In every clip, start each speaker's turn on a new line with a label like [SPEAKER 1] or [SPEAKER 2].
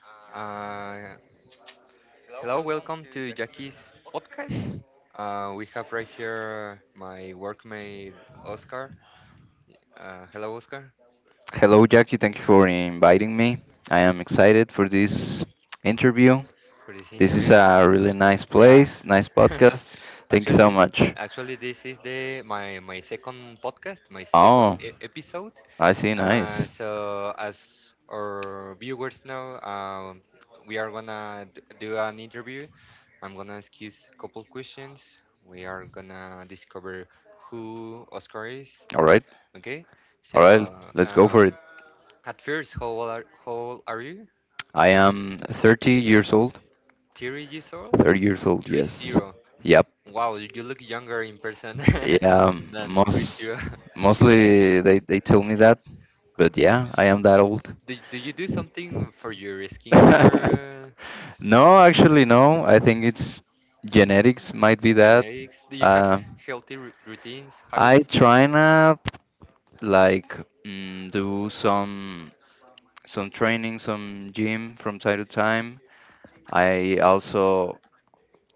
[SPEAKER 1] Uh, Hello, welcome to Jackie's podcast. We have right here my workmate Oscar. Hello, Oscar,
[SPEAKER 2] Hello, Jackie. Thank you for inviting me. I am excited for this interview.
[SPEAKER 1] for this
[SPEAKER 2] This is
[SPEAKER 1] interview.
[SPEAKER 2] a really nice
[SPEAKER 1] Yeah,
[SPEAKER 2] place, nice podcast. Thank you so
[SPEAKER 1] actually,
[SPEAKER 2] much.
[SPEAKER 1] actually, this is the my my second podcast, my second
[SPEAKER 2] Oh,
[SPEAKER 1] episode.
[SPEAKER 2] I see.
[SPEAKER 1] Uh,
[SPEAKER 2] Nice.
[SPEAKER 1] so as our viewers know, we are gonna do an interview. I'm gonna ask you a couple questions. We are gonna discover who Oscar is.
[SPEAKER 2] All right.
[SPEAKER 1] Okay.
[SPEAKER 2] All
[SPEAKER 1] So,
[SPEAKER 2] right.
[SPEAKER 1] alright.
[SPEAKER 2] Let's go for it.
[SPEAKER 1] At first, how old are you?
[SPEAKER 2] I am 30 years old.
[SPEAKER 1] 30 years old?
[SPEAKER 2] 30 years old,
[SPEAKER 1] Three
[SPEAKER 2] yes.
[SPEAKER 1] zero.
[SPEAKER 2] Yep.
[SPEAKER 1] Wow, you look younger in person. Yeah,
[SPEAKER 2] Yeah,
[SPEAKER 1] than three
[SPEAKER 2] most
[SPEAKER 1] zero.
[SPEAKER 2] mostly they tell me that, but yeah, I am that old.
[SPEAKER 1] Do you do something for your skincare?
[SPEAKER 2] No, actually, no. I think it's genetics might be
[SPEAKER 1] Yeah.
[SPEAKER 2] that.
[SPEAKER 1] Genetics? Do you Have
[SPEAKER 2] Uh,
[SPEAKER 1] healthy routines,
[SPEAKER 2] I
[SPEAKER 1] habits?
[SPEAKER 2] try to like do some training, some gym from time to time. I also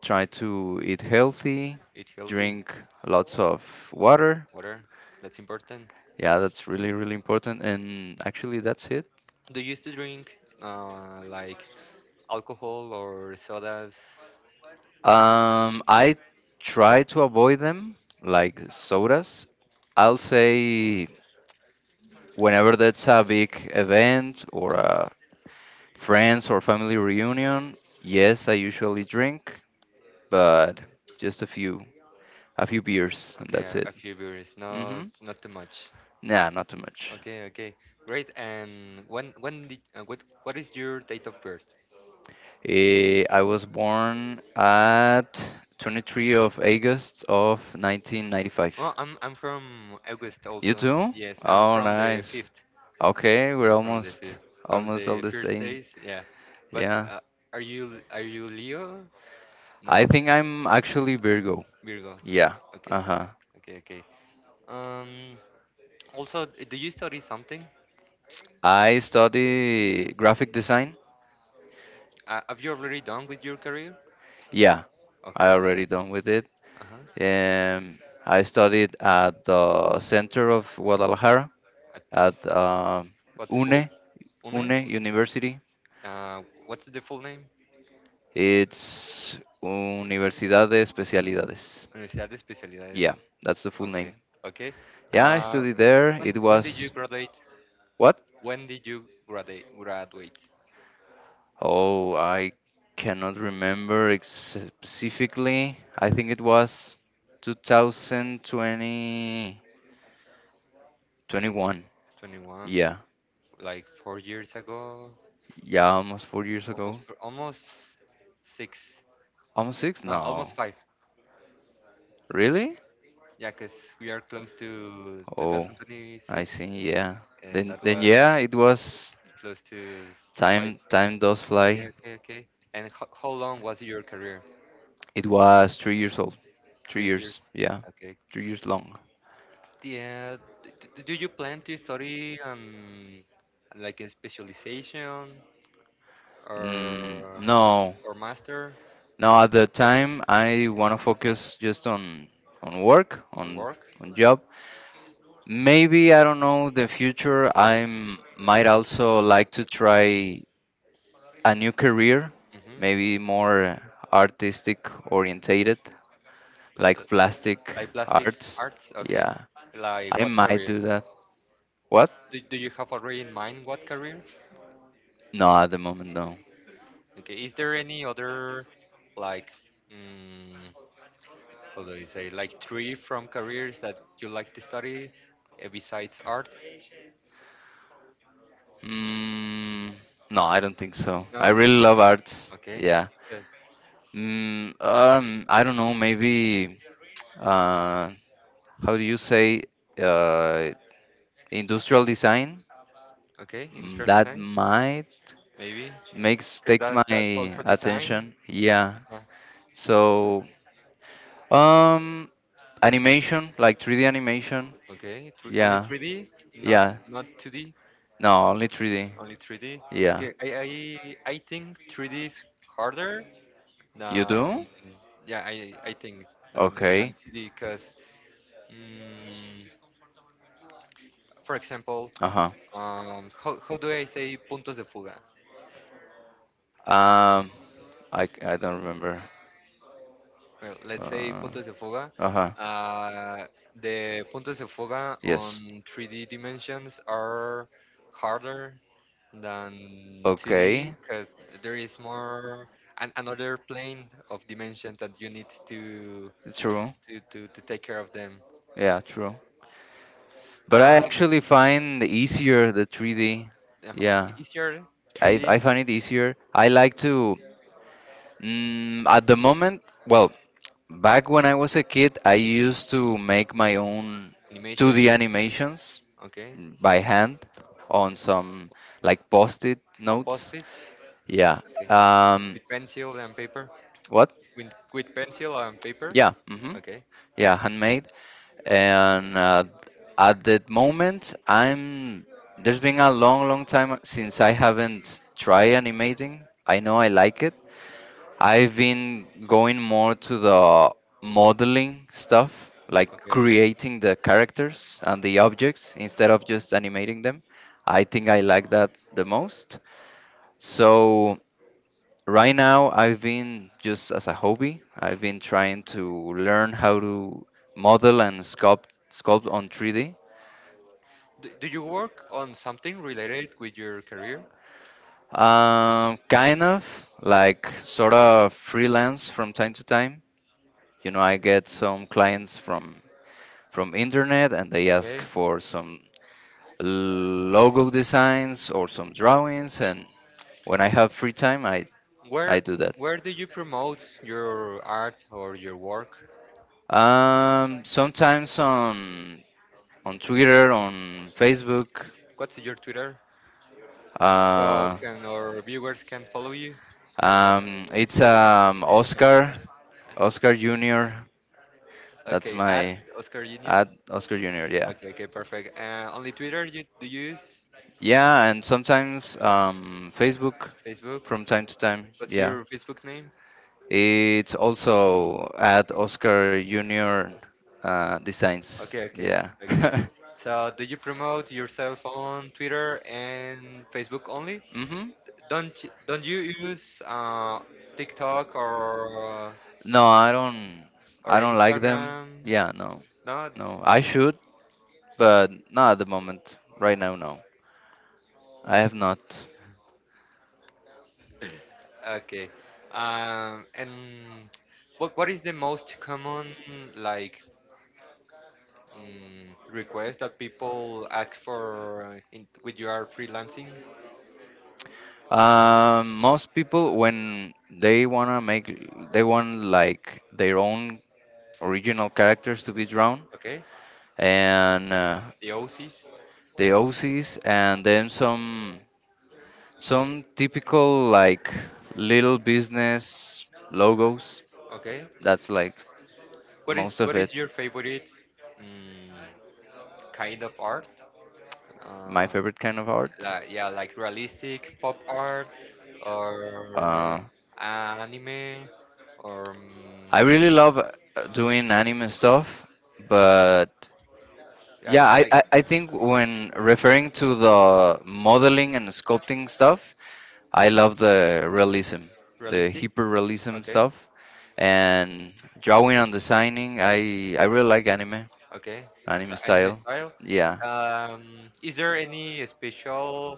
[SPEAKER 2] try to eat healthy,
[SPEAKER 1] Eat healthy,
[SPEAKER 2] drink lots of water.
[SPEAKER 1] water. That's important.
[SPEAKER 2] Yeah, that's really, really important. And actually, that's it.
[SPEAKER 1] Do you used to drink like alcohol or sodas?
[SPEAKER 2] I try to avoid them, like sodas. I'll say whenever that's a big event or a friends or family reunion, yes, I usually drink, but just a few, beers, and
[SPEAKER 1] Okay,
[SPEAKER 2] that's it.
[SPEAKER 1] a few beers, not
[SPEAKER 2] Mm-hmm.
[SPEAKER 1] not too much.
[SPEAKER 2] Nah, not too much.
[SPEAKER 1] Okay, okay, great. And when did what is your date of birth?
[SPEAKER 2] I was born at 23rd of August of 1995.
[SPEAKER 1] Oh, I'm from August
[SPEAKER 2] You
[SPEAKER 1] also.
[SPEAKER 2] too?
[SPEAKER 1] Yes, I'm
[SPEAKER 2] Oh,
[SPEAKER 1] from the
[SPEAKER 2] nice.
[SPEAKER 1] fifth.
[SPEAKER 2] Okay, we're
[SPEAKER 1] Yeah, from the
[SPEAKER 2] almost
[SPEAKER 1] fifth, from
[SPEAKER 2] almost all
[SPEAKER 1] the
[SPEAKER 2] the
[SPEAKER 1] first
[SPEAKER 2] same.
[SPEAKER 1] days. Yeah, but
[SPEAKER 2] Yeah.
[SPEAKER 1] are you Leo? No,
[SPEAKER 2] I think I'm actually Virgo.
[SPEAKER 1] Virgo.
[SPEAKER 2] Yeah.
[SPEAKER 1] Okay,
[SPEAKER 2] Uh-huh.
[SPEAKER 1] okay, okay. Um, Also, do you study something?
[SPEAKER 2] I study graphic design.
[SPEAKER 1] Have you already done with your career?
[SPEAKER 2] Yeah. I already
[SPEAKER 1] Okay.
[SPEAKER 2] done with it.
[SPEAKER 1] Uh huh.
[SPEAKER 2] I studied at the center of Guadalajara
[SPEAKER 1] At
[SPEAKER 2] at
[SPEAKER 1] what
[SPEAKER 2] UNE,
[SPEAKER 1] school? UNE.
[SPEAKER 2] UNE University.
[SPEAKER 1] What's the full name?
[SPEAKER 2] It's Universidad de Especialidades.
[SPEAKER 1] Universidad de Especialidades.
[SPEAKER 2] Yeah, that's the full
[SPEAKER 1] Okay.
[SPEAKER 2] name.
[SPEAKER 1] Okay.
[SPEAKER 2] Yeah, I
[SPEAKER 1] Uh,
[SPEAKER 2] studied there.
[SPEAKER 1] when
[SPEAKER 2] It
[SPEAKER 1] when did you
[SPEAKER 2] was
[SPEAKER 1] graduate?
[SPEAKER 2] what?
[SPEAKER 1] When did you graduate? Graduate?
[SPEAKER 2] Oh, I cannot remember specifically. I think it was 2020, 21.
[SPEAKER 1] 21.
[SPEAKER 2] Yeah.
[SPEAKER 1] Like 4 years ago.
[SPEAKER 2] Yeah, almost 4 years
[SPEAKER 1] Almost
[SPEAKER 2] ago.
[SPEAKER 1] almost six.
[SPEAKER 2] Almost six?
[SPEAKER 1] No, almost
[SPEAKER 2] No.
[SPEAKER 1] five.
[SPEAKER 2] Really?
[SPEAKER 1] Yeah, cause we are close to
[SPEAKER 2] Oh, I
[SPEAKER 1] 2026,
[SPEAKER 2] see. Yeah.
[SPEAKER 1] and
[SPEAKER 2] Then,
[SPEAKER 1] that
[SPEAKER 2] then
[SPEAKER 1] was
[SPEAKER 2] yeah, it was
[SPEAKER 1] close to five.
[SPEAKER 2] time. Time does
[SPEAKER 1] Okay,
[SPEAKER 2] fly.
[SPEAKER 1] okay, okay. And ho how long was your career?
[SPEAKER 2] It was 3 years old. Three
[SPEAKER 1] 3 years.
[SPEAKER 2] years. Yeah.
[SPEAKER 1] Okay.
[SPEAKER 2] 3 years long.
[SPEAKER 1] Yeah. Do you plan to study like a specialization
[SPEAKER 2] Mm,
[SPEAKER 1] or
[SPEAKER 2] no,
[SPEAKER 1] or master
[SPEAKER 2] no. At the time, I want to focus just on work,
[SPEAKER 1] on
[SPEAKER 2] on
[SPEAKER 1] work?
[SPEAKER 2] job. Maybe I don't know the future. I might also like to try a new career, maybe
[SPEAKER 1] Mm-hmm.
[SPEAKER 2] more artistic orientated,
[SPEAKER 1] Like
[SPEAKER 2] like plastic
[SPEAKER 1] like plastic
[SPEAKER 2] arts.
[SPEAKER 1] arts? Okay.
[SPEAKER 2] Yeah,
[SPEAKER 1] Like
[SPEAKER 2] I
[SPEAKER 1] what
[SPEAKER 2] might
[SPEAKER 1] career?
[SPEAKER 2] do that. What?
[SPEAKER 1] Do you have already in mind what career?
[SPEAKER 2] No, at the moment, no.
[SPEAKER 1] Okay. Is there any other like mm, how do you say like three from careers that you like to study besides arts?
[SPEAKER 2] Mm, no, I don't think so. I
[SPEAKER 1] No?
[SPEAKER 2] really love arts.
[SPEAKER 1] Okay.
[SPEAKER 2] Yeah.
[SPEAKER 1] So-
[SPEAKER 2] I don't know, maybe uh, how do you say uh, industrial design?
[SPEAKER 1] okay,
[SPEAKER 2] Mm,
[SPEAKER 1] industrial
[SPEAKER 2] That
[SPEAKER 1] design,
[SPEAKER 2] might
[SPEAKER 1] maybe.
[SPEAKER 2] makes
[SPEAKER 1] Because
[SPEAKER 2] takes
[SPEAKER 1] that's
[SPEAKER 2] my
[SPEAKER 1] also design.
[SPEAKER 2] attention. Yeah.
[SPEAKER 1] Uh-huh.
[SPEAKER 2] So, um, animation, like 3D animation.
[SPEAKER 1] Okay, only
[SPEAKER 2] Yeah.
[SPEAKER 1] 3D, not
[SPEAKER 2] Yeah.
[SPEAKER 1] not 2D,
[SPEAKER 2] No, only 3D.
[SPEAKER 1] only 3D.
[SPEAKER 2] Yeah.
[SPEAKER 1] Okay, I think 3D is harder
[SPEAKER 2] You
[SPEAKER 1] than,
[SPEAKER 2] do?
[SPEAKER 1] yeah, I think than
[SPEAKER 2] Okay.
[SPEAKER 1] 2D because, mm, for example,
[SPEAKER 2] Uh-huh.
[SPEAKER 1] how do I say puntos de fuga?
[SPEAKER 2] Um, I don't remember.
[SPEAKER 1] Well, let's say
[SPEAKER 2] Uh,
[SPEAKER 1] Puntos de Fuga.
[SPEAKER 2] uh-huh.
[SPEAKER 1] Uh, the Puntos de Fuga
[SPEAKER 2] Yes.
[SPEAKER 1] on 3D dimensions are harder than
[SPEAKER 2] Okay.
[SPEAKER 1] 2D because there is more another plane of dimensions that you need
[SPEAKER 2] True.
[SPEAKER 1] to take care of them.
[SPEAKER 2] Yeah, true. But I
[SPEAKER 1] Um,
[SPEAKER 2] actually find easier the 3D. Yeah.
[SPEAKER 1] the easier
[SPEAKER 2] I,
[SPEAKER 1] 3D
[SPEAKER 2] I find it easier. I like to, at the moment, well, back when I was a kid, I used to make my own
[SPEAKER 1] animations,
[SPEAKER 2] 2D animations.
[SPEAKER 1] okay.
[SPEAKER 2] Mm, by hand on some like post-it
[SPEAKER 1] On
[SPEAKER 2] notes.
[SPEAKER 1] post-its,
[SPEAKER 2] Yeah.
[SPEAKER 1] okay.
[SPEAKER 2] Um,
[SPEAKER 1] With pencil and paper,
[SPEAKER 2] what?
[SPEAKER 1] with pencil and paper,
[SPEAKER 2] Yeah,
[SPEAKER 1] okay,
[SPEAKER 2] yeah, handmade. And at that moment, I'm there's been a long, long time since I haven't tried animating. I know I like it, I've been going more to the modeling stuff, like
[SPEAKER 1] okay.
[SPEAKER 2] creating the characters and the objects instead of just animating them. I think I like that the most. So right now I've been just as a hobby, I've been trying to learn how to model and sculpt on 3D.
[SPEAKER 1] Do you work on something related with your career?
[SPEAKER 2] Kind of like sort of freelance from time to time. You know, I get some clients from internet and they ask
[SPEAKER 1] Okay.
[SPEAKER 2] for some logo designs or some drawings, and when I have free time I
[SPEAKER 1] Where
[SPEAKER 2] do that.
[SPEAKER 1] where do you promote your art or your work?
[SPEAKER 2] Sometimes on Twitter, on Facebook.
[SPEAKER 1] What's your Twitter? So
[SPEAKER 2] uh
[SPEAKER 1] can our viewers can follow you?
[SPEAKER 2] it's Oscar Jr. That's
[SPEAKER 1] Okay, at
[SPEAKER 2] my
[SPEAKER 1] Oscar Junior.
[SPEAKER 2] ad Oscar Jr. Yeah.
[SPEAKER 1] Okay, okay, perfect. Only Twitter you do you use?
[SPEAKER 2] Yeah, and sometimes Facebook
[SPEAKER 1] Facebook?
[SPEAKER 2] from time to time.
[SPEAKER 1] What's
[SPEAKER 2] Yeah.
[SPEAKER 1] your Facebook name?
[SPEAKER 2] It's also at Oscar Junior Designs.
[SPEAKER 1] Okay, okay,
[SPEAKER 2] Yeah.
[SPEAKER 1] okay. So do you promote yourself on Twitter and Facebook only?
[SPEAKER 2] hmm
[SPEAKER 1] Don't don't you use TikTok or
[SPEAKER 2] No, I don't. I don't like them.
[SPEAKER 1] Instagram?
[SPEAKER 2] Yeah, no,
[SPEAKER 1] Not
[SPEAKER 2] no. I should, but not at the moment. Right now, no. I have not.
[SPEAKER 1] okay. And what is the most common like request that people ask for when you are freelancing?
[SPEAKER 2] Most people when they wanna make, they want like their own original characters to be drawn,
[SPEAKER 1] Okay,
[SPEAKER 2] and
[SPEAKER 1] the OCs.
[SPEAKER 2] the OCs and then some. Some typical like little business logos.
[SPEAKER 1] Okay,
[SPEAKER 2] That's like most of
[SPEAKER 1] what is
[SPEAKER 2] it.
[SPEAKER 1] your favorite mm, kind of art?
[SPEAKER 2] My
[SPEAKER 1] Uh,
[SPEAKER 2] favorite kind of art.
[SPEAKER 1] like yeah, like realistic pop art or
[SPEAKER 2] Uh,
[SPEAKER 1] anime or um,
[SPEAKER 2] I really love doing anime stuff, but
[SPEAKER 1] yeah,
[SPEAKER 2] yeah, I,
[SPEAKER 1] like
[SPEAKER 2] I, I think when referring to the modeling and sculpting stuff, I love the realism, the
[SPEAKER 1] realistic.
[SPEAKER 2] hyperrealism
[SPEAKER 1] Okay,
[SPEAKER 2] stuff, and drawing and designing. I really like anime,
[SPEAKER 1] okay, the
[SPEAKER 2] anime
[SPEAKER 1] anime
[SPEAKER 2] style.
[SPEAKER 1] style.
[SPEAKER 2] Yeah.
[SPEAKER 1] Is there any special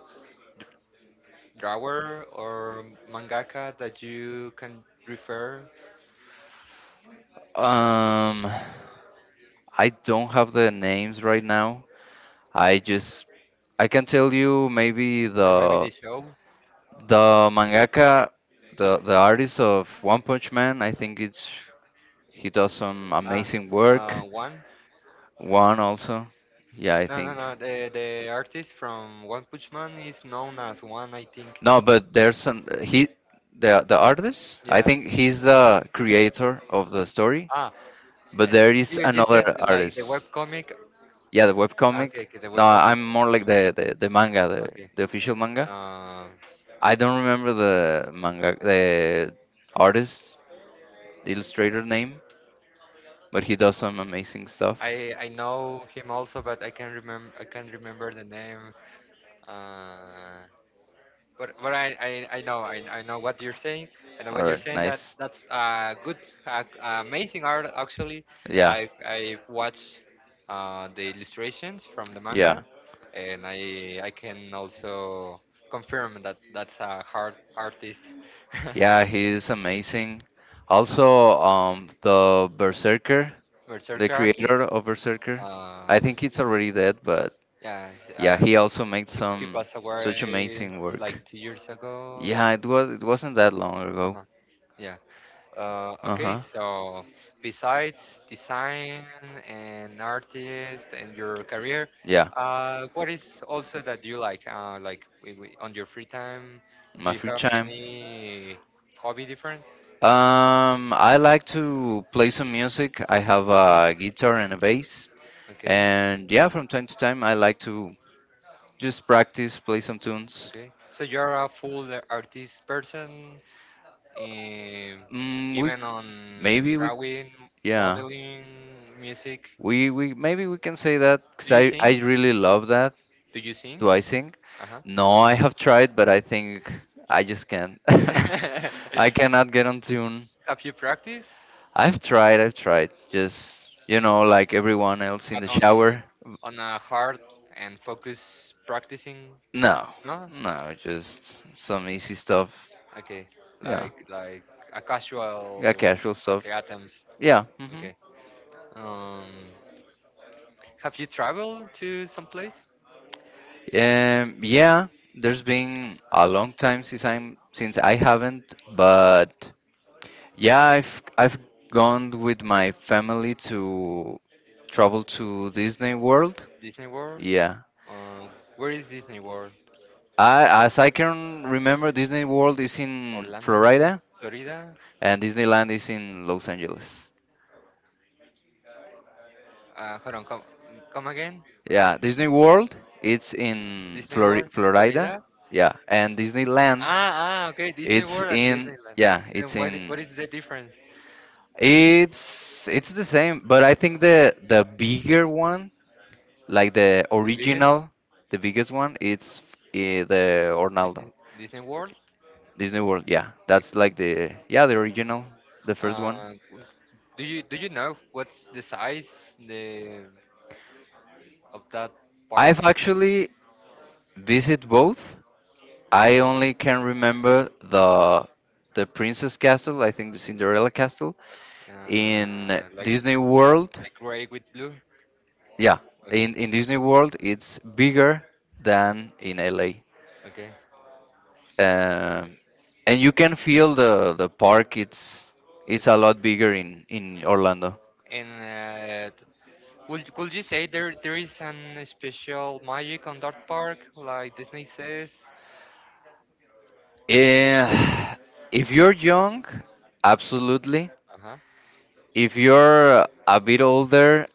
[SPEAKER 1] drawer or mangaka that you can refer,
[SPEAKER 2] Um, I don't have the names right now. I just I can tell you maybe
[SPEAKER 1] or maybe the
[SPEAKER 2] the
[SPEAKER 1] show?
[SPEAKER 2] The mangaka, the artist of One Punch Man. I think it's he does some
[SPEAKER 1] Uh,
[SPEAKER 2] amazing work.
[SPEAKER 1] one.
[SPEAKER 2] One also, yeah, I
[SPEAKER 1] No, no,
[SPEAKER 2] think.
[SPEAKER 1] no. The artist from One Punch Man is known as One, I think.
[SPEAKER 2] No, but there's an he the artist. I
[SPEAKER 1] Yeah.
[SPEAKER 2] think he's the creator of the story,
[SPEAKER 1] think
[SPEAKER 2] but
[SPEAKER 1] Yeah,
[SPEAKER 2] there is
[SPEAKER 1] you, you
[SPEAKER 2] another
[SPEAKER 1] said like the
[SPEAKER 2] artist.
[SPEAKER 1] webcomic.
[SPEAKER 2] Yeah, the
[SPEAKER 1] Okay,
[SPEAKER 2] webcomic.
[SPEAKER 1] okay, the
[SPEAKER 2] No,
[SPEAKER 1] webcomic.
[SPEAKER 2] I'm more like the manga, the
[SPEAKER 1] Okay.
[SPEAKER 2] the official manga.
[SPEAKER 1] Um,
[SPEAKER 2] I don't remember the manga, the artist, illustrator name, but he does some amazing stuff.
[SPEAKER 1] I know him also, but I can't remember. I can't remember the name. Uh, but but I, I know I know what you're saying. I know
[SPEAKER 2] All
[SPEAKER 1] what you're
[SPEAKER 2] right,
[SPEAKER 1] saying. That
[SPEAKER 2] nice.
[SPEAKER 1] that's good, amazing art actually.
[SPEAKER 2] Yeah,
[SPEAKER 1] I watched the illustrations from the manga,
[SPEAKER 2] yeah,
[SPEAKER 1] and I can also confirm that that's a hard artist,
[SPEAKER 2] yeah. He is amazing. Also, the Berserker, the
[SPEAKER 1] berserker artist.
[SPEAKER 2] creator of Berserker.
[SPEAKER 1] Uh,
[SPEAKER 2] I think it's already dead, but
[SPEAKER 1] yeah, s-
[SPEAKER 2] yeah,
[SPEAKER 1] I,
[SPEAKER 2] he also made
[SPEAKER 1] he
[SPEAKER 2] some
[SPEAKER 1] passed
[SPEAKER 2] such
[SPEAKER 1] away
[SPEAKER 2] amazing work.
[SPEAKER 1] like 2 years ago.
[SPEAKER 2] Yeah, it wasn't that long ago.
[SPEAKER 1] Uh-huh, yeah. Okay,
[SPEAKER 2] Uh-huh.
[SPEAKER 1] so besides design and artist and your career,
[SPEAKER 2] Yeah,
[SPEAKER 1] what is also that you like? On your free time, do
[SPEAKER 2] my
[SPEAKER 1] you
[SPEAKER 2] free
[SPEAKER 1] have
[SPEAKER 2] time.
[SPEAKER 1] any hobby different?
[SPEAKER 2] I like to play some music. I have a guitar and a bass,
[SPEAKER 1] Okay,
[SPEAKER 2] and yeah, from time to time I like to just practice, play some tunes.
[SPEAKER 1] okay. So you're a full artist person, um,
[SPEAKER 2] Mm, we
[SPEAKER 1] even on
[SPEAKER 2] maybe we,
[SPEAKER 1] drawing,
[SPEAKER 2] yeah.
[SPEAKER 1] modeling, music.
[SPEAKER 2] We maybe we can say that because
[SPEAKER 1] Do you
[SPEAKER 2] I
[SPEAKER 1] sing?
[SPEAKER 2] I really love that.
[SPEAKER 1] Do you sing?
[SPEAKER 2] Do I sing?
[SPEAKER 1] Uh huh.
[SPEAKER 2] No, I have tried, but I think I just can't. I cannot get on tune.
[SPEAKER 1] Have you practiced?
[SPEAKER 2] I've tried, I've tried. Just like everyone else in
[SPEAKER 1] But
[SPEAKER 2] the
[SPEAKER 1] on
[SPEAKER 2] shower.
[SPEAKER 1] a hard and focus practicing?
[SPEAKER 2] No,
[SPEAKER 1] No.
[SPEAKER 2] no, just some easy stuff.
[SPEAKER 1] Okay.
[SPEAKER 2] Yeah,
[SPEAKER 1] Like a casual.
[SPEAKER 2] yeah, casual stuff.
[SPEAKER 1] Okay, atoms.
[SPEAKER 2] Yeah.
[SPEAKER 1] Okay. Um, have you traveled to some place?
[SPEAKER 2] Yeah, there's been a long time since I haven't, but yeah, I've gone with my family to travel to Disney World.
[SPEAKER 1] Disney World.
[SPEAKER 2] Yeah.
[SPEAKER 1] Um, where is Disney World?
[SPEAKER 2] I
[SPEAKER 1] Wo-
[SPEAKER 2] as I can remember, Disney World is in
[SPEAKER 1] Orlando,
[SPEAKER 2] Florida
[SPEAKER 1] Florida.
[SPEAKER 2] and Disneyland is in Los Angeles.
[SPEAKER 1] Hold on, come again.
[SPEAKER 2] Yeah, Disney World, it's in
[SPEAKER 1] Disney World,
[SPEAKER 2] Florida.
[SPEAKER 1] Florida.
[SPEAKER 2] Yeah, and Disneyland,
[SPEAKER 1] Ah, ah, okay. Disney
[SPEAKER 2] it's
[SPEAKER 1] World and
[SPEAKER 2] in,
[SPEAKER 1] Disneyland.
[SPEAKER 2] yeah, it's
[SPEAKER 1] And
[SPEAKER 2] in,
[SPEAKER 1] what is the difference?
[SPEAKER 2] it's, it's the same, but I think the bigger one, like the
[SPEAKER 1] The biggest
[SPEAKER 2] original, the biggest one, it's the Orlando.
[SPEAKER 1] Disney World.
[SPEAKER 2] Disney World, yeah. That's like the, yeah, the original, the first
[SPEAKER 1] Uh,
[SPEAKER 2] one.
[SPEAKER 1] do you know what's the size the of that park?
[SPEAKER 2] I've actually visited both. I only can remember the Princess Castle, I think the Cinderella Castle in
[SPEAKER 1] Uh, like
[SPEAKER 2] Disney World.
[SPEAKER 1] like gray with blue.
[SPEAKER 2] Yeah, in
[SPEAKER 1] Okay,
[SPEAKER 2] Disney World it's bigger than in LA.
[SPEAKER 1] okay.
[SPEAKER 2] Um and you can feel the park. It's a lot bigger in Orlando.
[SPEAKER 1] And would could you say there is an special magic on that park like Disney says?
[SPEAKER 2] Eh, if you're young, absolutely.
[SPEAKER 1] Uh huh.
[SPEAKER 2] If you're a bit older,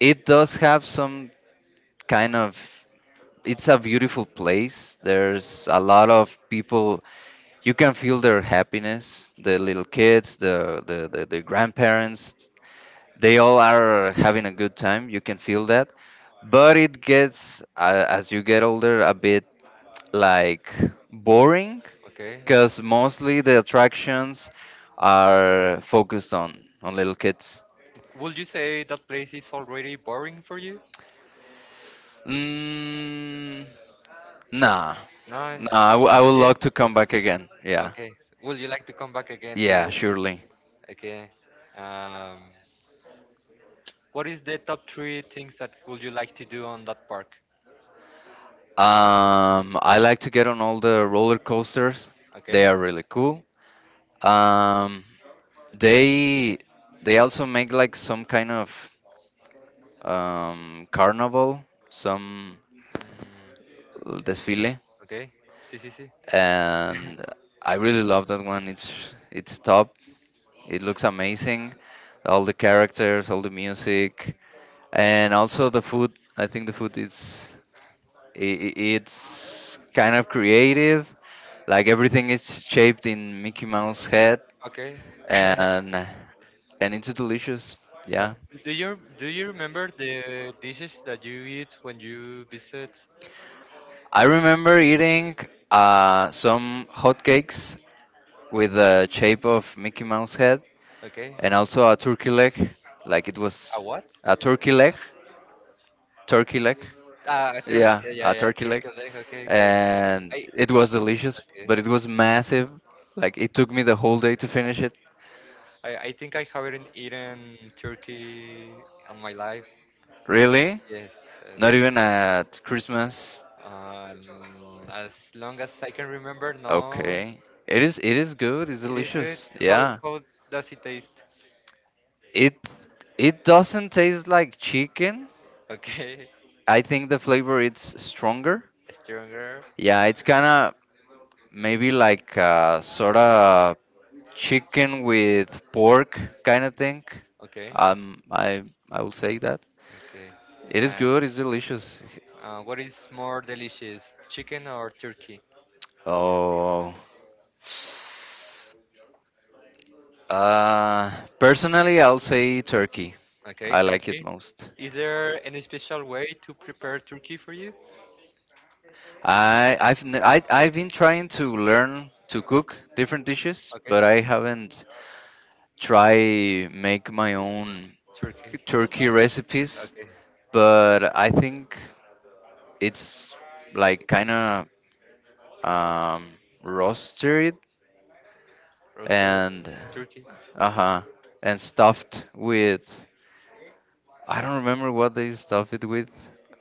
[SPEAKER 2] it does have some kind of. It's a beautiful place. There's a lot of people. You can feel their happiness. The little kids, the grandparents. They all are having a good time, you can feel that, but it gets, as you get older, a bit like boring,
[SPEAKER 1] Okay.
[SPEAKER 2] because mostly the attractions are focused on little kids.
[SPEAKER 1] Would you say that place is already boring for you?
[SPEAKER 2] mm, nah,
[SPEAKER 1] No,
[SPEAKER 2] nah, I
[SPEAKER 1] not
[SPEAKER 2] would
[SPEAKER 1] yet.
[SPEAKER 2] love to come back again, yeah.
[SPEAKER 1] Okay. Would you like to come back again to?
[SPEAKER 2] Yeah, surely.
[SPEAKER 1] Okay. Um, what is the top three things that would you like to do on that park?
[SPEAKER 2] I like to get on all the roller coasters. They
[SPEAKER 1] Okay.
[SPEAKER 2] are really cool. um They they also make like some kind of carnival, some
[SPEAKER 1] Mm,
[SPEAKER 2] desfile,
[SPEAKER 1] okay. Sí, sí, sí.
[SPEAKER 2] and I really love that one. It's top. It looks amazing. All the characters, all the music, and also the food. I think the food is, it's kind of creative. Like everything is shaped in Mickey Mouse head,
[SPEAKER 1] Okay.
[SPEAKER 2] and and it's delicious.
[SPEAKER 1] Yeah.
[SPEAKER 2] Yeah,
[SPEAKER 1] Do you remember the dishes that you eat when you visit?
[SPEAKER 2] I remember eating some hotcakes with the shape of Mickey Mouse head
[SPEAKER 1] Okay.
[SPEAKER 2] and also a turkey leg, like it was
[SPEAKER 1] A what?
[SPEAKER 2] a turkey leg, turkey leg,
[SPEAKER 1] Ah, a Turk.
[SPEAKER 2] yeah,
[SPEAKER 1] Yeah, yeah, yeah, Turkey leg. Okay, okay.
[SPEAKER 2] and
[SPEAKER 1] I
[SPEAKER 2] it was delicious,
[SPEAKER 1] okay.
[SPEAKER 2] but it was massive. Like it took me the whole day to finish it.
[SPEAKER 1] I think I haven't eaten turkey on my life.
[SPEAKER 2] Really?
[SPEAKER 1] Yes,
[SPEAKER 2] Not
[SPEAKER 1] yes.
[SPEAKER 2] even at Christmas.
[SPEAKER 1] As long as I can remember, no,
[SPEAKER 2] Okay. It is. It is good. It's
[SPEAKER 1] it is good.
[SPEAKER 2] delicious. Yeah.
[SPEAKER 1] How does it taste?
[SPEAKER 2] It it doesn't taste like chicken.
[SPEAKER 1] Okay,
[SPEAKER 2] I think the flavor it's stronger.
[SPEAKER 1] stronger.
[SPEAKER 2] Yeah, it's kind of maybe like sort of chicken with pork kind of thing.
[SPEAKER 1] Okay,
[SPEAKER 2] Um, I I will say that
[SPEAKER 1] okay.
[SPEAKER 2] it is
[SPEAKER 1] Uh,
[SPEAKER 2] good. It's delicious.
[SPEAKER 1] what is more delicious, chicken or turkey?
[SPEAKER 2] Oh, uh, personally, I'll say turkey.
[SPEAKER 1] Okay,
[SPEAKER 2] I like it
[SPEAKER 1] turkey.
[SPEAKER 2] most.
[SPEAKER 1] Is there any special way to prepare turkey for you?
[SPEAKER 2] I I've n- I I've been trying to learn to cook different dishes,
[SPEAKER 1] Okay,
[SPEAKER 2] but I haven't try make my own
[SPEAKER 1] turkey.
[SPEAKER 2] turkey recipes.
[SPEAKER 1] Okay,
[SPEAKER 2] But I think it's like kind of um, roasted,
[SPEAKER 1] roasted
[SPEAKER 2] and,
[SPEAKER 1] turkey.
[SPEAKER 2] uh huh, and stuffed with, I don't remember what they stuff it with,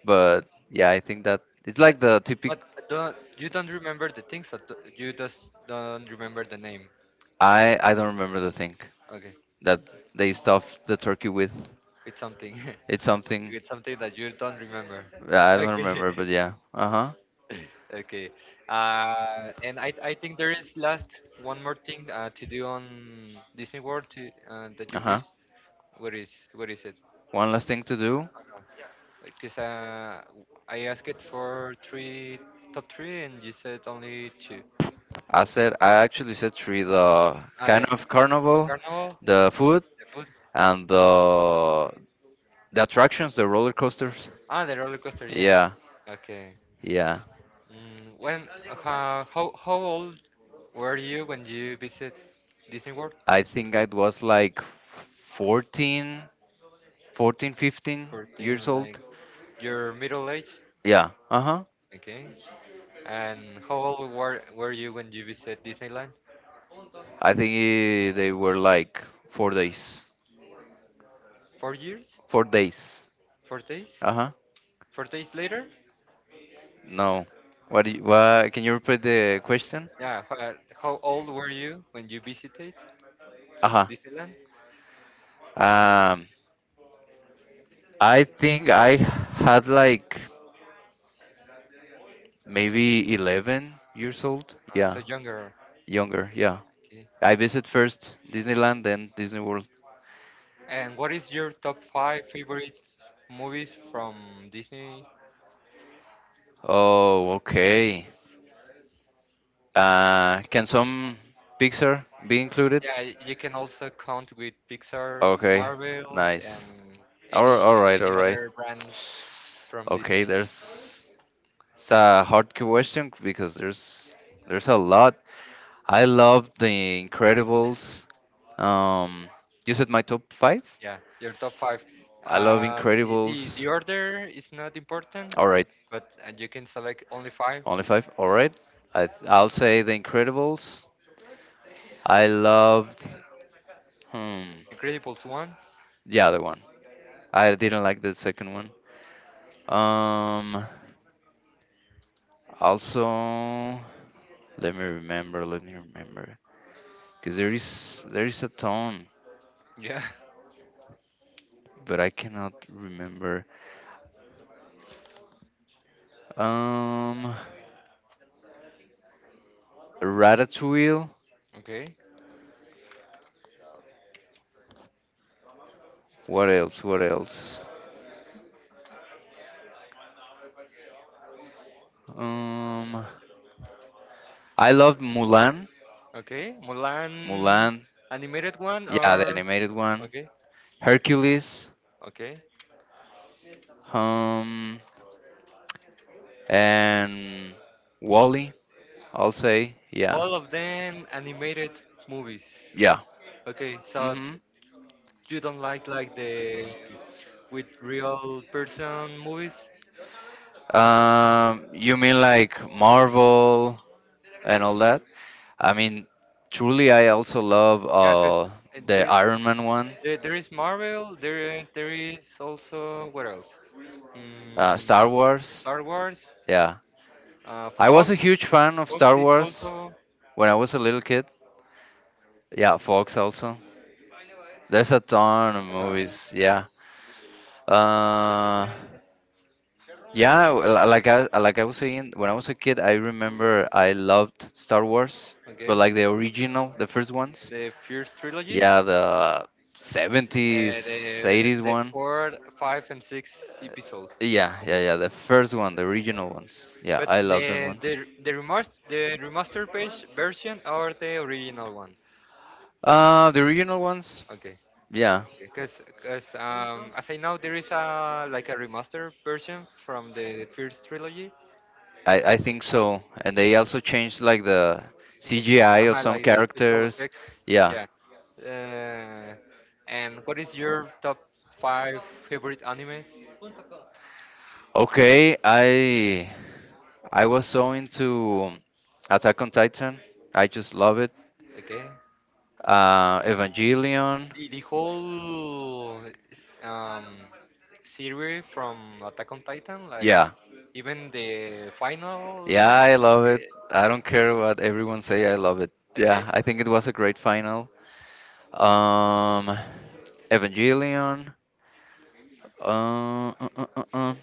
[SPEAKER 2] but yeah, I think that it's like
[SPEAKER 1] Like
[SPEAKER 2] the typical.
[SPEAKER 1] that, but don't, you don't remember the things, so you just don't remember the name.
[SPEAKER 2] I don't remember the thing
[SPEAKER 1] Okay,
[SPEAKER 2] that they stuff the turkey with.
[SPEAKER 1] it's something,
[SPEAKER 2] It's something.
[SPEAKER 1] it's something that you don't remember.
[SPEAKER 2] Yeah, I
[SPEAKER 1] That
[SPEAKER 2] don't
[SPEAKER 1] Okay,
[SPEAKER 2] remember, but yeah. Uh huh.
[SPEAKER 1] okay. Uh, I think there is last one more thing to do on Disney World to, that
[SPEAKER 2] Uh
[SPEAKER 1] you
[SPEAKER 2] huh.
[SPEAKER 1] wish. Where is it?
[SPEAKER 2] One last thing to do.
[SPEAKER 1] Because I asked it for three top three, and you said only two.
[SPEAKER 2] I actually said three: the
[SPEAKER 1] Ah,
[SPEAKER 2] kind
[SPEAKER 1] yeah.
[SPEAKER 2] of carnival,
[SPEAKER 1] Carnival.
[SPEAKER 2] the food,
[SPEAKER 1] The food.
[SPEAKER 2] and the attractions, the roller coasters.
[SPEAKER 1] Ah, the roller coaster. Yeah.
[SPEAKER 2] Yeah,
[SPEAKER 1] Yeah. Okay.
[SPEAKER 2] yeah.
[SPEAKER 1] Mm, when How old were you when you visit Disney World?
[SPEAKER 2] I think I was like 14, 15 years
[SPEAKER 1] 14, like
[SPEAKER 2] old.
[SPEAKER 1] your middle age,
[SPEAKER 2] Yeah, uh huh.
[SPEAKER 1] okay? And how old were you when you visit Disneyland?
[SPEAKER 2] I think they were like 4 days.
[SPEAKER 1] 4 years?
[SPEAKER 2] 4 days.
[SPEAKER 1] 4 days?
[SPEAKER 2] Uh huh.
[SPEAKER 1] 4 days later?
[SPEAKER 2] No. What? Can you repeat the question?
[SPEAKER 1] Yeah. How old were you when you visited
[SPEAKER 2] Uh huh.
[SPEAKER 1] Disneyland?
[SPEAKER 2] Um, I think I had like maybe 11 years old.
[SPEAKER 1] So
[SPEAKER 2] Yeah,
[SPEAKER 1] younger.
[SPEAKER 2] younger. Yeah.
[SPEAKER 1] Okay.
[SPEAKER 2] I visit first Disneyland, then Disney World.
[SPEAKER 1] And what is your top five favorite movies from Disney?
[SPEAKER 2] Oh, okay. Can some picture be included?
[SPEAKER 1] Yeah, you can also count with Pixar,
[SPEAKER 2] Okay,
[SPEAKER 1] Marvel,
[SPEAKER 2] nice.
[SPEAKER 1] and
[SPEAKER 2] All,
[SPEAKER 1] any
[SPEAKER 2] all right, all
[SPEAKER 1] any
[SPEAKER 2] right.
[SPEAKER 1] other brand from
[SPEAKER 2] Okay,
[SPEAKER 1] Disney.
[SPEAKER 2] there's it's a hard question because there's a lot. I love The Incredibles. Um, you said my top five.
[SPEAKER 1] Yeah, your top five.
[SPEAKER 2] I love Incredibles.
[SPEAKER 1] The order is not important,
[SPEAKER 2] All right,
[SPEAKER 1] but you can select only five.
[SPEAKER 2] only five. All right, I'll say The Incredibles. I loved. Hmm.
[SPEAKER 1] Incredibles one.
[SPEAKER 2] The other one. I didn't like the second one. Um, Also, let me remember. Let me remember. Cause there is a ton,
[SPEAKER 1] Yeah.
[SPEAKER 2] but I cannot remember. Um, Ratatouille.
[SPEAKER 1] Okay.
[SPEAKER 2] What else? What else? Um, I loved Mulan.
[SPEAKER 1] Okay. Mulan,
[SPEAKER 2] Mulan.
[SPEAKER 1] animated one
[SPEAKER 2] Yeah, the
[SPEAKER 1] or
[SPEAKER 2] animated one.
[SPEAKER 1] okay.
[SPEAKER 2] Hercules.
[SPEAKER 1] Okay.
[SPEAKER 2] Um, and Wally. I'll say, yeah.
[SPEAKER 1] All of them animated movies.
[SPEAKER 2] Yeah.
[SPEAKER 1] Okay, so
[SPEAKER 2] Mhm.
[SPEAKER 1] you don't like the with real person movies.
[SPEAKER 2] You mean like Marvel and all that? I mean, truly, I also love
[SPEAKER 1] Yeah, because
[SPEAKER 2] the
[SPEAKER 1] there,
[SPEAKER 2] Iron Man one,
[SPEAKER 1] there there is Marvel. There is also what else?
[SPEAKER 2] Star
[SPEAKER 1] Mm,
[SPEAKER 2] Wars.
[SPEAKER 1] Star Wars.
[SPEAKER 2] Yeah, I
[SPEAKER 1] Fox.
[SPEAKER 2] was a huge fan of
[SPEAKER 1] Fox
[SPEAKER 2] Star
[SPEAKER 1] is
[SPEAKER 2] Wars
[SPEAKER 1] also
[SPEAKER 2] when I was a little kid. Yeah, Fox also. There's a ton of
[SPEAKER 1] uh,
[SPEAKER 2] movies. Yeah. Uh, like I was saying, when I was a kid, I remember I loved Star Wars, but
[SPEAKER 1] okay.
[SPEAKER 2] like the original, the first ones.
[SPEAKER 1] The first trilogy.
[SPEAKER 2] Yeah, the 70s,
[SPEAKER 1] Uh, the
[SPEAKER 2] 80s
[SPEAKER 1] the
[SPEAKER 2] one.
[SPEAKER 1] four, five, and six episode.
[SPEAKER 2] Yeah, yeah,
[SPEAKER 1] Okay,
[SPEAKER 2] yeah, the first one, the original ones. Yeah,
[SPEAKER 1] but
[SPEAKER 2] I love them ones.
[SPEAKER 1] the remaster the remastered page version are the original one.
[SPEAKER 2] The original ones.
[SPEAKER 1] Okay.
[SPEAKER 2] Yeah,
[SPEAKER 1] Because as I know, there is a like a remaster version from the first trilogy,
[SPEAKER 2] I think so. And they also changed like the
[SPEAKER 1] like,
[SPEAKER 2] CGI of some
[SPEAKER 1] like the special
[SPEAKER 2] characters.
[SPEAKER 1] effects.
[SPEAKER 2] Yeah.
[SPEAKER 1] Yeah. Uh, and what is your top five favorite animes?
[SPEAKER 2] Okay, I was so into Attack on Titan. I just love it.
[SPEAKER 1] Okay.
[SPEAKER 2] Evangelion.
[SPEAKER 1] The whole um, series from Attack on Titan, like
[SPEAKER 2] Yeah.
[SPEAKER 1] even the final.
[SPEAKER 2] Yeah, I love it. I don't care what everyone say. I love it.
[SPEAKER 1] Okay.
[SPEAKER 2] Yeah, I think
[SPEAKER 1] Okay.
[SPEAKER 2] it was a great final. Um, Evangelion. Uh, uh, uh, uh. uh.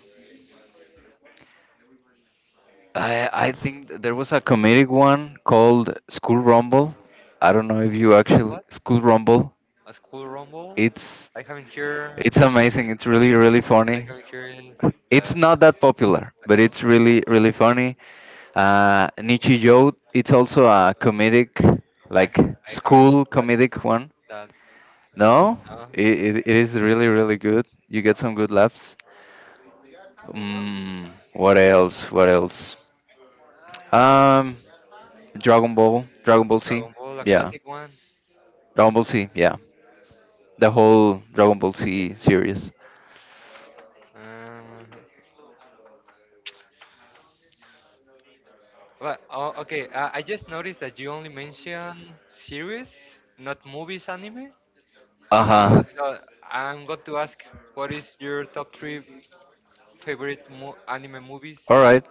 [SPEAKER 2] I think there was a comedic one called School Rumble. I don't know if you
[SPEAKER 1] School
[SPEAKER 2] actually
[SPEAKER 1] what?
[SPEAKER 2] School Rumble.
[SPEAKER 1] A school rumble?
[SPEAKER 2] It's
[SPEAKER 1] I haven't heard.
[SPEAKER 2] It's amazing. It's really, really
[SPEAKER 1] Like
[SPEAKER 2] funny.
[SPEAKER 1] I'm curious. Uh,
[SPEAKER 2] It's not that popular, but it's really, really funny. Nietzsche Joe, it's also a comedic, like
[SPEAKER 1] I haven't
[SPEAKER 2] school
[SPEAKER 1] watched
[SPEAKER 2] comedic one.
[SPEAKER 1] that.
[SPEAKER 2] No,
[SPEAKER 1] No,
[SPEAKER 2] it is really, really good. You get some good laughs. Mm, what else? What else? Um, Dragon Ball, Dragon Ball Z.
[SPEAKER 1] Dragon Ball, a
[SPEAKER 2] Yeah,
[SPEAKER 1] classic one.
[SPEAKER 2] Dragon Ball Z. Yeah, the whole Dragon Ball
[SPEAKER 1] Okay.
[SPEAKER 2] Z series.
[SPEAKER 1] Um, okay. I just noticed that you only mention series, not movies, anime.
[SPEAKER 2] Uh huh.
[SPEAKER 1] So I'm going to ask, what is your top three favorite mo anime movies?
[SPEAKER 2] All right.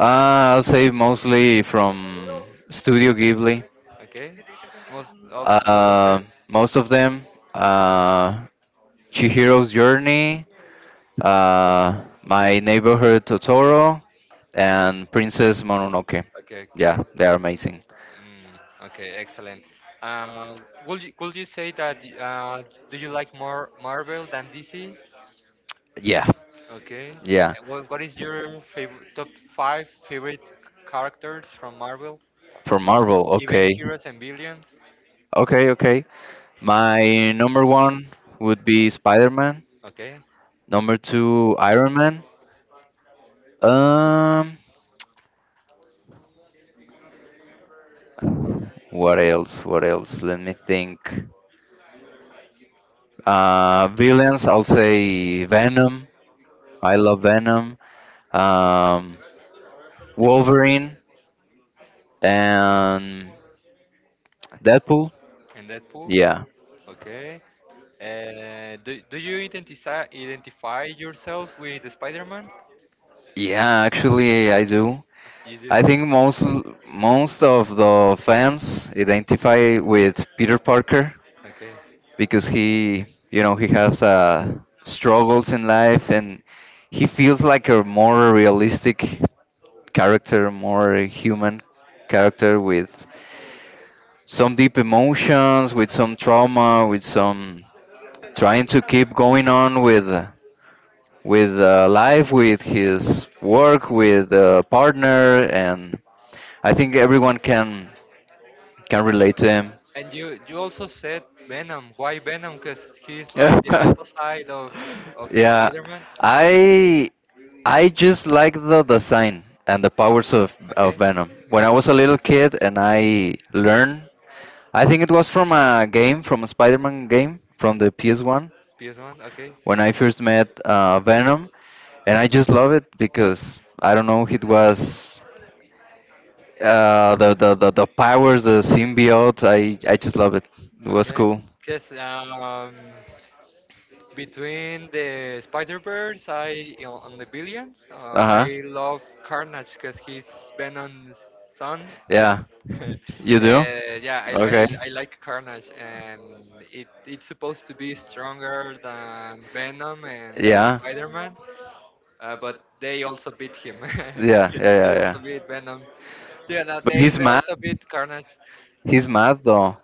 [SPEAKER 2] I'll say mostly from Studio Ghibli.
[SPEAKER 1] Okay. Most of them.
[SPEAKER 2] Most of them. Uh, Chihiro's Journey, My Neighborhood Totoro, and Princess Mononoke.
[SPEAKER 1] Okay. Okay.
[SPEAKER 2] Yeah, they are amazing.
[SPEAKER 1] Okay, excellent. Uh, could you say that do you like more Marvel than DC?
[SPEAKER 2] Yeah,
[SPEAKER 1] Okay.
[SPEAKER 2] yeah.
[SPEAKER 1] What is your favorite top five favorite characters from Marvel?
[SPEAKER 2] From Marvel.
[SPEAKER 1] Even
[SPEAKER 2] Okay,
[SPEAKER 1] heroes and villains?
[SPEAKER 2] okay, okay. My number one would be Spider Man.
[SPEAKER 1] Okay.
[SPEAKER 2] Number two, Iron Man. Um, What else? What else? Let me think. Villains, I'll say Venom. I love Venom. Um, Wolverine and Deadpool.
[SPEAKER 1] And Deadpool?
[SPEAKER 2] Yeah,
[SPEAKER 1] Yeah. Okay. Do you identify yourself with Spider-Man?
[SPEAKER 2] yeah. Actually, I do.
[SPEAKER 1] You do.
[SPEAKER 2] I think most of the fans identify with Peter Parker
[SPEAKER 1] Okay.
[SPEAKER 2] because he, you know, he has struggles in life and he feels like a more realistic character, more human character with some deep emotions, with some trauma, with some trying to keep going on with life, with his work, with partner, and I think everyone can relate to him.
[SPEAKER 1] And you also said Venom. Why Venom? Because he's
[SPEAKER 2] Yeah.
[SPEAKER 1] like the opposite of
[SPEAKER 2] Yeah,
[SPEAKER 1] Spider-Man.
[SPEAKER 2] i I just like the design and the powers of
[SPEAKER 1] Okay,
[SPEAKER 2] Venom when I was a little kid and I learned I think it was from a game from a Spider-Man game from the PS1
[SPEAKER 1] PS1. Okay,
[SPEAKER 2] when I first met Venom and I just love it because I don't know it was the powers the symbiote I just love it. It was
[SPEAKER 1] okay.
[SPEAKER 2] cool.
[SPEAKER 1] Because between the Spider-Verse, I on the Billions, I
[SPEAKER 2] Uh-huh.
[SPEAKER 1] love Carnage because he's Venom's son.
[SPEAKER 2] Yeah, you.
[SPEAKER 1] Yeah, I like Carnage, and it's supposed to be stronger than Venom and
[SPEAKER 2] Yeah.
[SPEAKER 1] Spider-Man, but they also beat him.
[SPEAKER 2] Yeah, yeah, yeah,
[SPEAKER 1] They also
[SPEAKER 2] yeah.
[SPEAKER 1] beat Venom. Yeah, no,
[SPEAKER 2] He's
[SPEAKER 1] they
[SPEAKER 2] mad.
[SPEAKER 1] also beat Carnage.
[SPEAKER 2] He's mad though.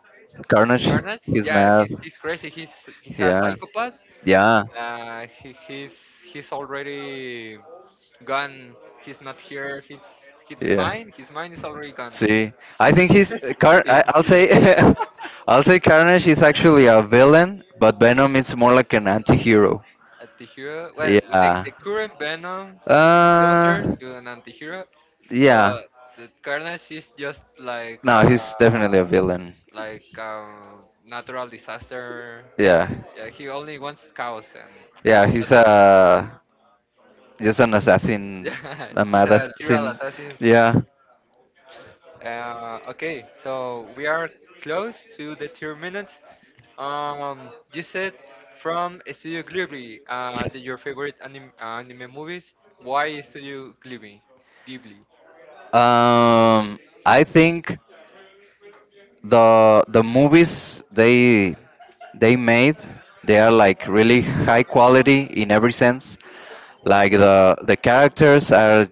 [SPEAKER 2] Carnage. Carnage.
[SPEAKER 1] Carnage,
[SPEAKER 2] He's
[SPEAKER 1] yeah,
[SPEAKER 2] mad.
[SPEAKER 1] he's crazy. He's a psychopath. Uh, he, he's he's already gone. He's not here.
[SPEAKER 2] Yeah.
[SPEAKER 1] His mind is already gone.
[SPEAKER 2] See, I think he's Car.
[SPEAKER 1] See,
[SPEAKER 2] I'll say, I'll say Carnage is actually a villain, but Venom is more like an anti-hero.
[SPEAKER 1] well,
[SPEAKER 2] Yeah.
[SPEAKER 1] the current Venom is closer
[SPEAKER 2] Uh.
[SPEAKER 1] to an antihero,
[SPEAKER 2] Yeah.
[SPEAKER 1] but the Carnage is just like
[SPEAKER 2] No, he's definitely a villain.
[SPEAKER 1] natural disaster.
[SPEAKER 2] Yeah.
[SPEAKER 1] Yeah, he only wants cows, and
[SPEAKER 2] Yeah, he's
[SPEAKER 1] that's all.
[SPEAKER 2] a just an assassin,
[SPEAKER 1] Yeah,
[SPEAKER 2] a
[SPEAKER 1] he's
[SPEAKER 2] mad
[SPEAKER 1] a serial
[SPEAKER 2] assassin.
[SPEAKER 1] assassin.
[SPEAKER 2] Yeah.
[SPEAKER 1] Okay, so we are close to the 2 minutes. You said from Studio Ghibli, your
[SPEAKER 2] Yeah.
[SPEAKER 1] favorite anime movies. Why Studio Ghibli? Ghibli.
[SPEAKER 2] Um, I think the movies they made they are like really high quality in every sense. Like the characters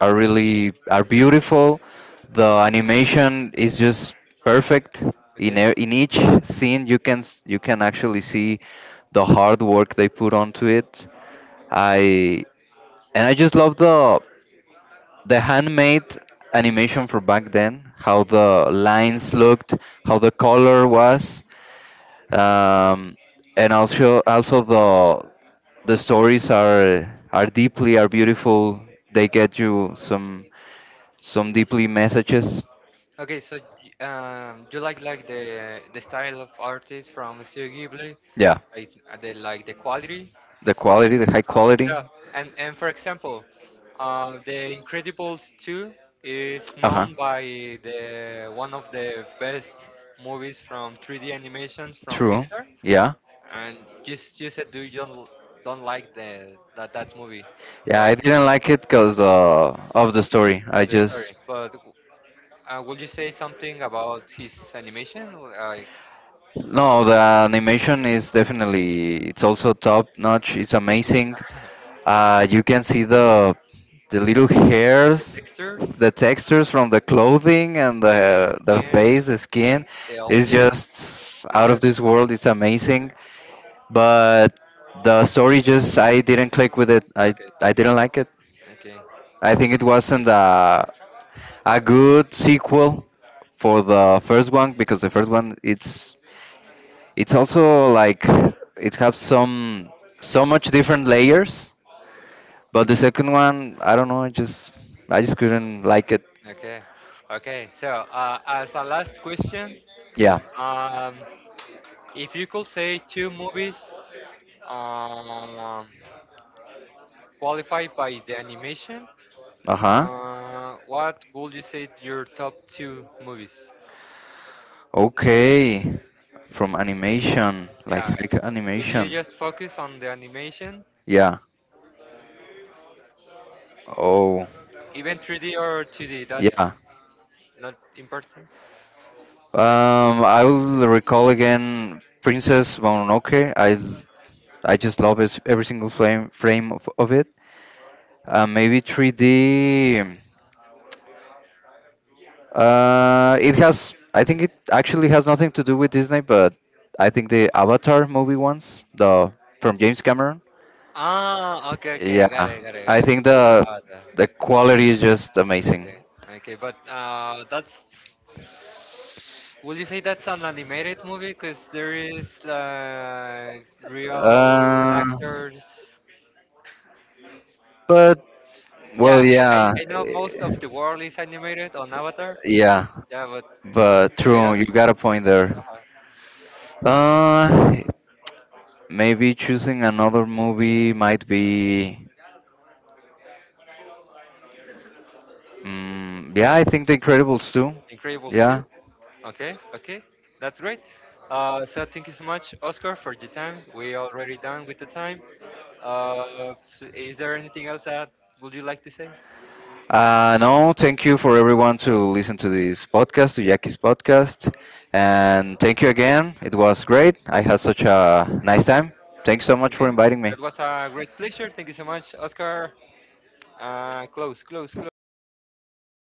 [SPEAKER 2] are really are beautiful. The animation is just perfect. In
[SPEAKER 1] Okay.
[SPEAKER 2] e- in each scene you can you can actually see the hard work they put onto it. I and I just love the handmade animation for back then, how the lines looked, how the color was, um, and also the stories are deeply are beautiful. They get you some deeply messages.
[SPEAKER 1] Okay. So you like the style of artists from Studio Ghibli,
[SPEAKER 2] Yeah,
[SPEAKER 1] like the like the quality.
[SPEAKER 2] the quality, the high
[SPEAKER 1] Uh,
[SPEAKER 2] quality.
[SPEAKER 1] so, and for example, The Incredibles 2 is
[SPEAKER 2] Uh huh.
[SPEAKER 1] known by the one of the best movies from 3D animations from
[SPEAKER 2] True.
[SPEAKER 1] Pixar,
[SPEAKER 2] Yeah.
[SPEAKER 1] and just you said do you don't don't like the that that movie,
[SPEAKER 2] Yeah,
[SPEAKER 1] but
[SPEAKER 2] I didn't like it because of the story. I
[SPEAKER 1] the
[SPEAKER 2] just
[SPEAKER 1] story. But would you say something about his animation, like
[SPEAKER 2] no, the animation is definitely it's also top notch. It's amazing. You can see the little hairs,
[SPEAKER 1] the textures,
[SPEAKER 2] the textures from the clothing and the
[SPEAKER 1] skin,
[SPEAKER 2] face, the skin.
[SPEAKER 1] the
[SPEAKER 2] It's
[SPEAKER 1] objects?
[SPEAKER 2] just out
[SPEAKER 1] Yes.
[SPEAKER 2] of this world. It's amazing, but the story just I didn't click with it.
[SPEAKER 1] Okay.
[SPEAKER 2] I didn't like it.
[SPEAKER 1] Okay.
[SPEAKER 2] I think it wasn't. A good sequel for the first one because the first one it's also like it has some so much different layers but the second one I don't know I just I just couldn't like it.
[SPEAKER 1] Okay. Okay. So, as a last question,
[SPEAKER 2] Yeah.
[SPEAKER 1] um, if you could say two movies um, qualified by the animation,
[SPEAKER 2] Uh-huh.
[SPEAKER 1] what would you say your top two movies?
[SPEAKER 2] Okay, from animation like
[SPEAKER 1] Yeah.
[SPEAKER 2] haiku
[SPEAKER 1] If you
[SPEAKER 2] animation.
[SPEAKER 1] just focus on the animation,
[SPEAKER 2] Yeah. Oh,
[SPEAKER 1] even 3D or 2D, that's
[SPEAKER 2] yeah.
[SPEAKER 1] not important. That
[SPEAKER 2] I will recall again Princess Mononoke. I just love it, every single frame of it. Maybe 3D. It has. I think it actually has nothing to do with Disney, but I think the Avatar movie once, the from James Cameron.
[SPEAKER 1] Ah, okay, okay,
[SPEAKER 2] Yeah,
[SPEAKER 1] got
[SPEAKER 2] I think the
[SPEAKER 1] it.
[SPEAKER 2] quality is just amazing.
[SPEAKER 1] Okay, okay, but that's. Would you say that's an animated movie? Because there is real
[SPEAKER 2] Uh,
[SPEAKER 1] actors.
[SPEAKER 2] but
[SPEAKER 1] Yeah,
[SPEAKER 2] Well,
[SPEAKER 1] I know most of the world is animated on Avatar.
[SPEAKER 2] yeah,
[SPEAKER 1] Yeah, but
[SPEAKER 2] but
[SPEAKER 1] I don't.
[SPEAKER 2] true, you got a point there.
[SPEAKER 1] Uh,
[SPEAKER 2] Uh, Maybe choosing another movie might be. Mm, yeah, I think The Incredibles too.
[SPEAKER 1] Incredible
[SPEAKER 2] Yeah.
[SPEAKER 1] suit. Okay, okay, that's great. So thank you so much, Oscar, for your time. We already done with the time. Uh, so is there anything else that would you like to say?
[SPEAKER 2] No, thank you for everyone to listen to this podcast, to Jackie's podcast, and thank you again. It was great. I had such a nice time. Thanks so much for
[SPEAKER 1] Okay,
[SPEAKER 2] inviting me.
[SPEAKER 1] that was a great pleasure. Thank you so much, Oscar. Close.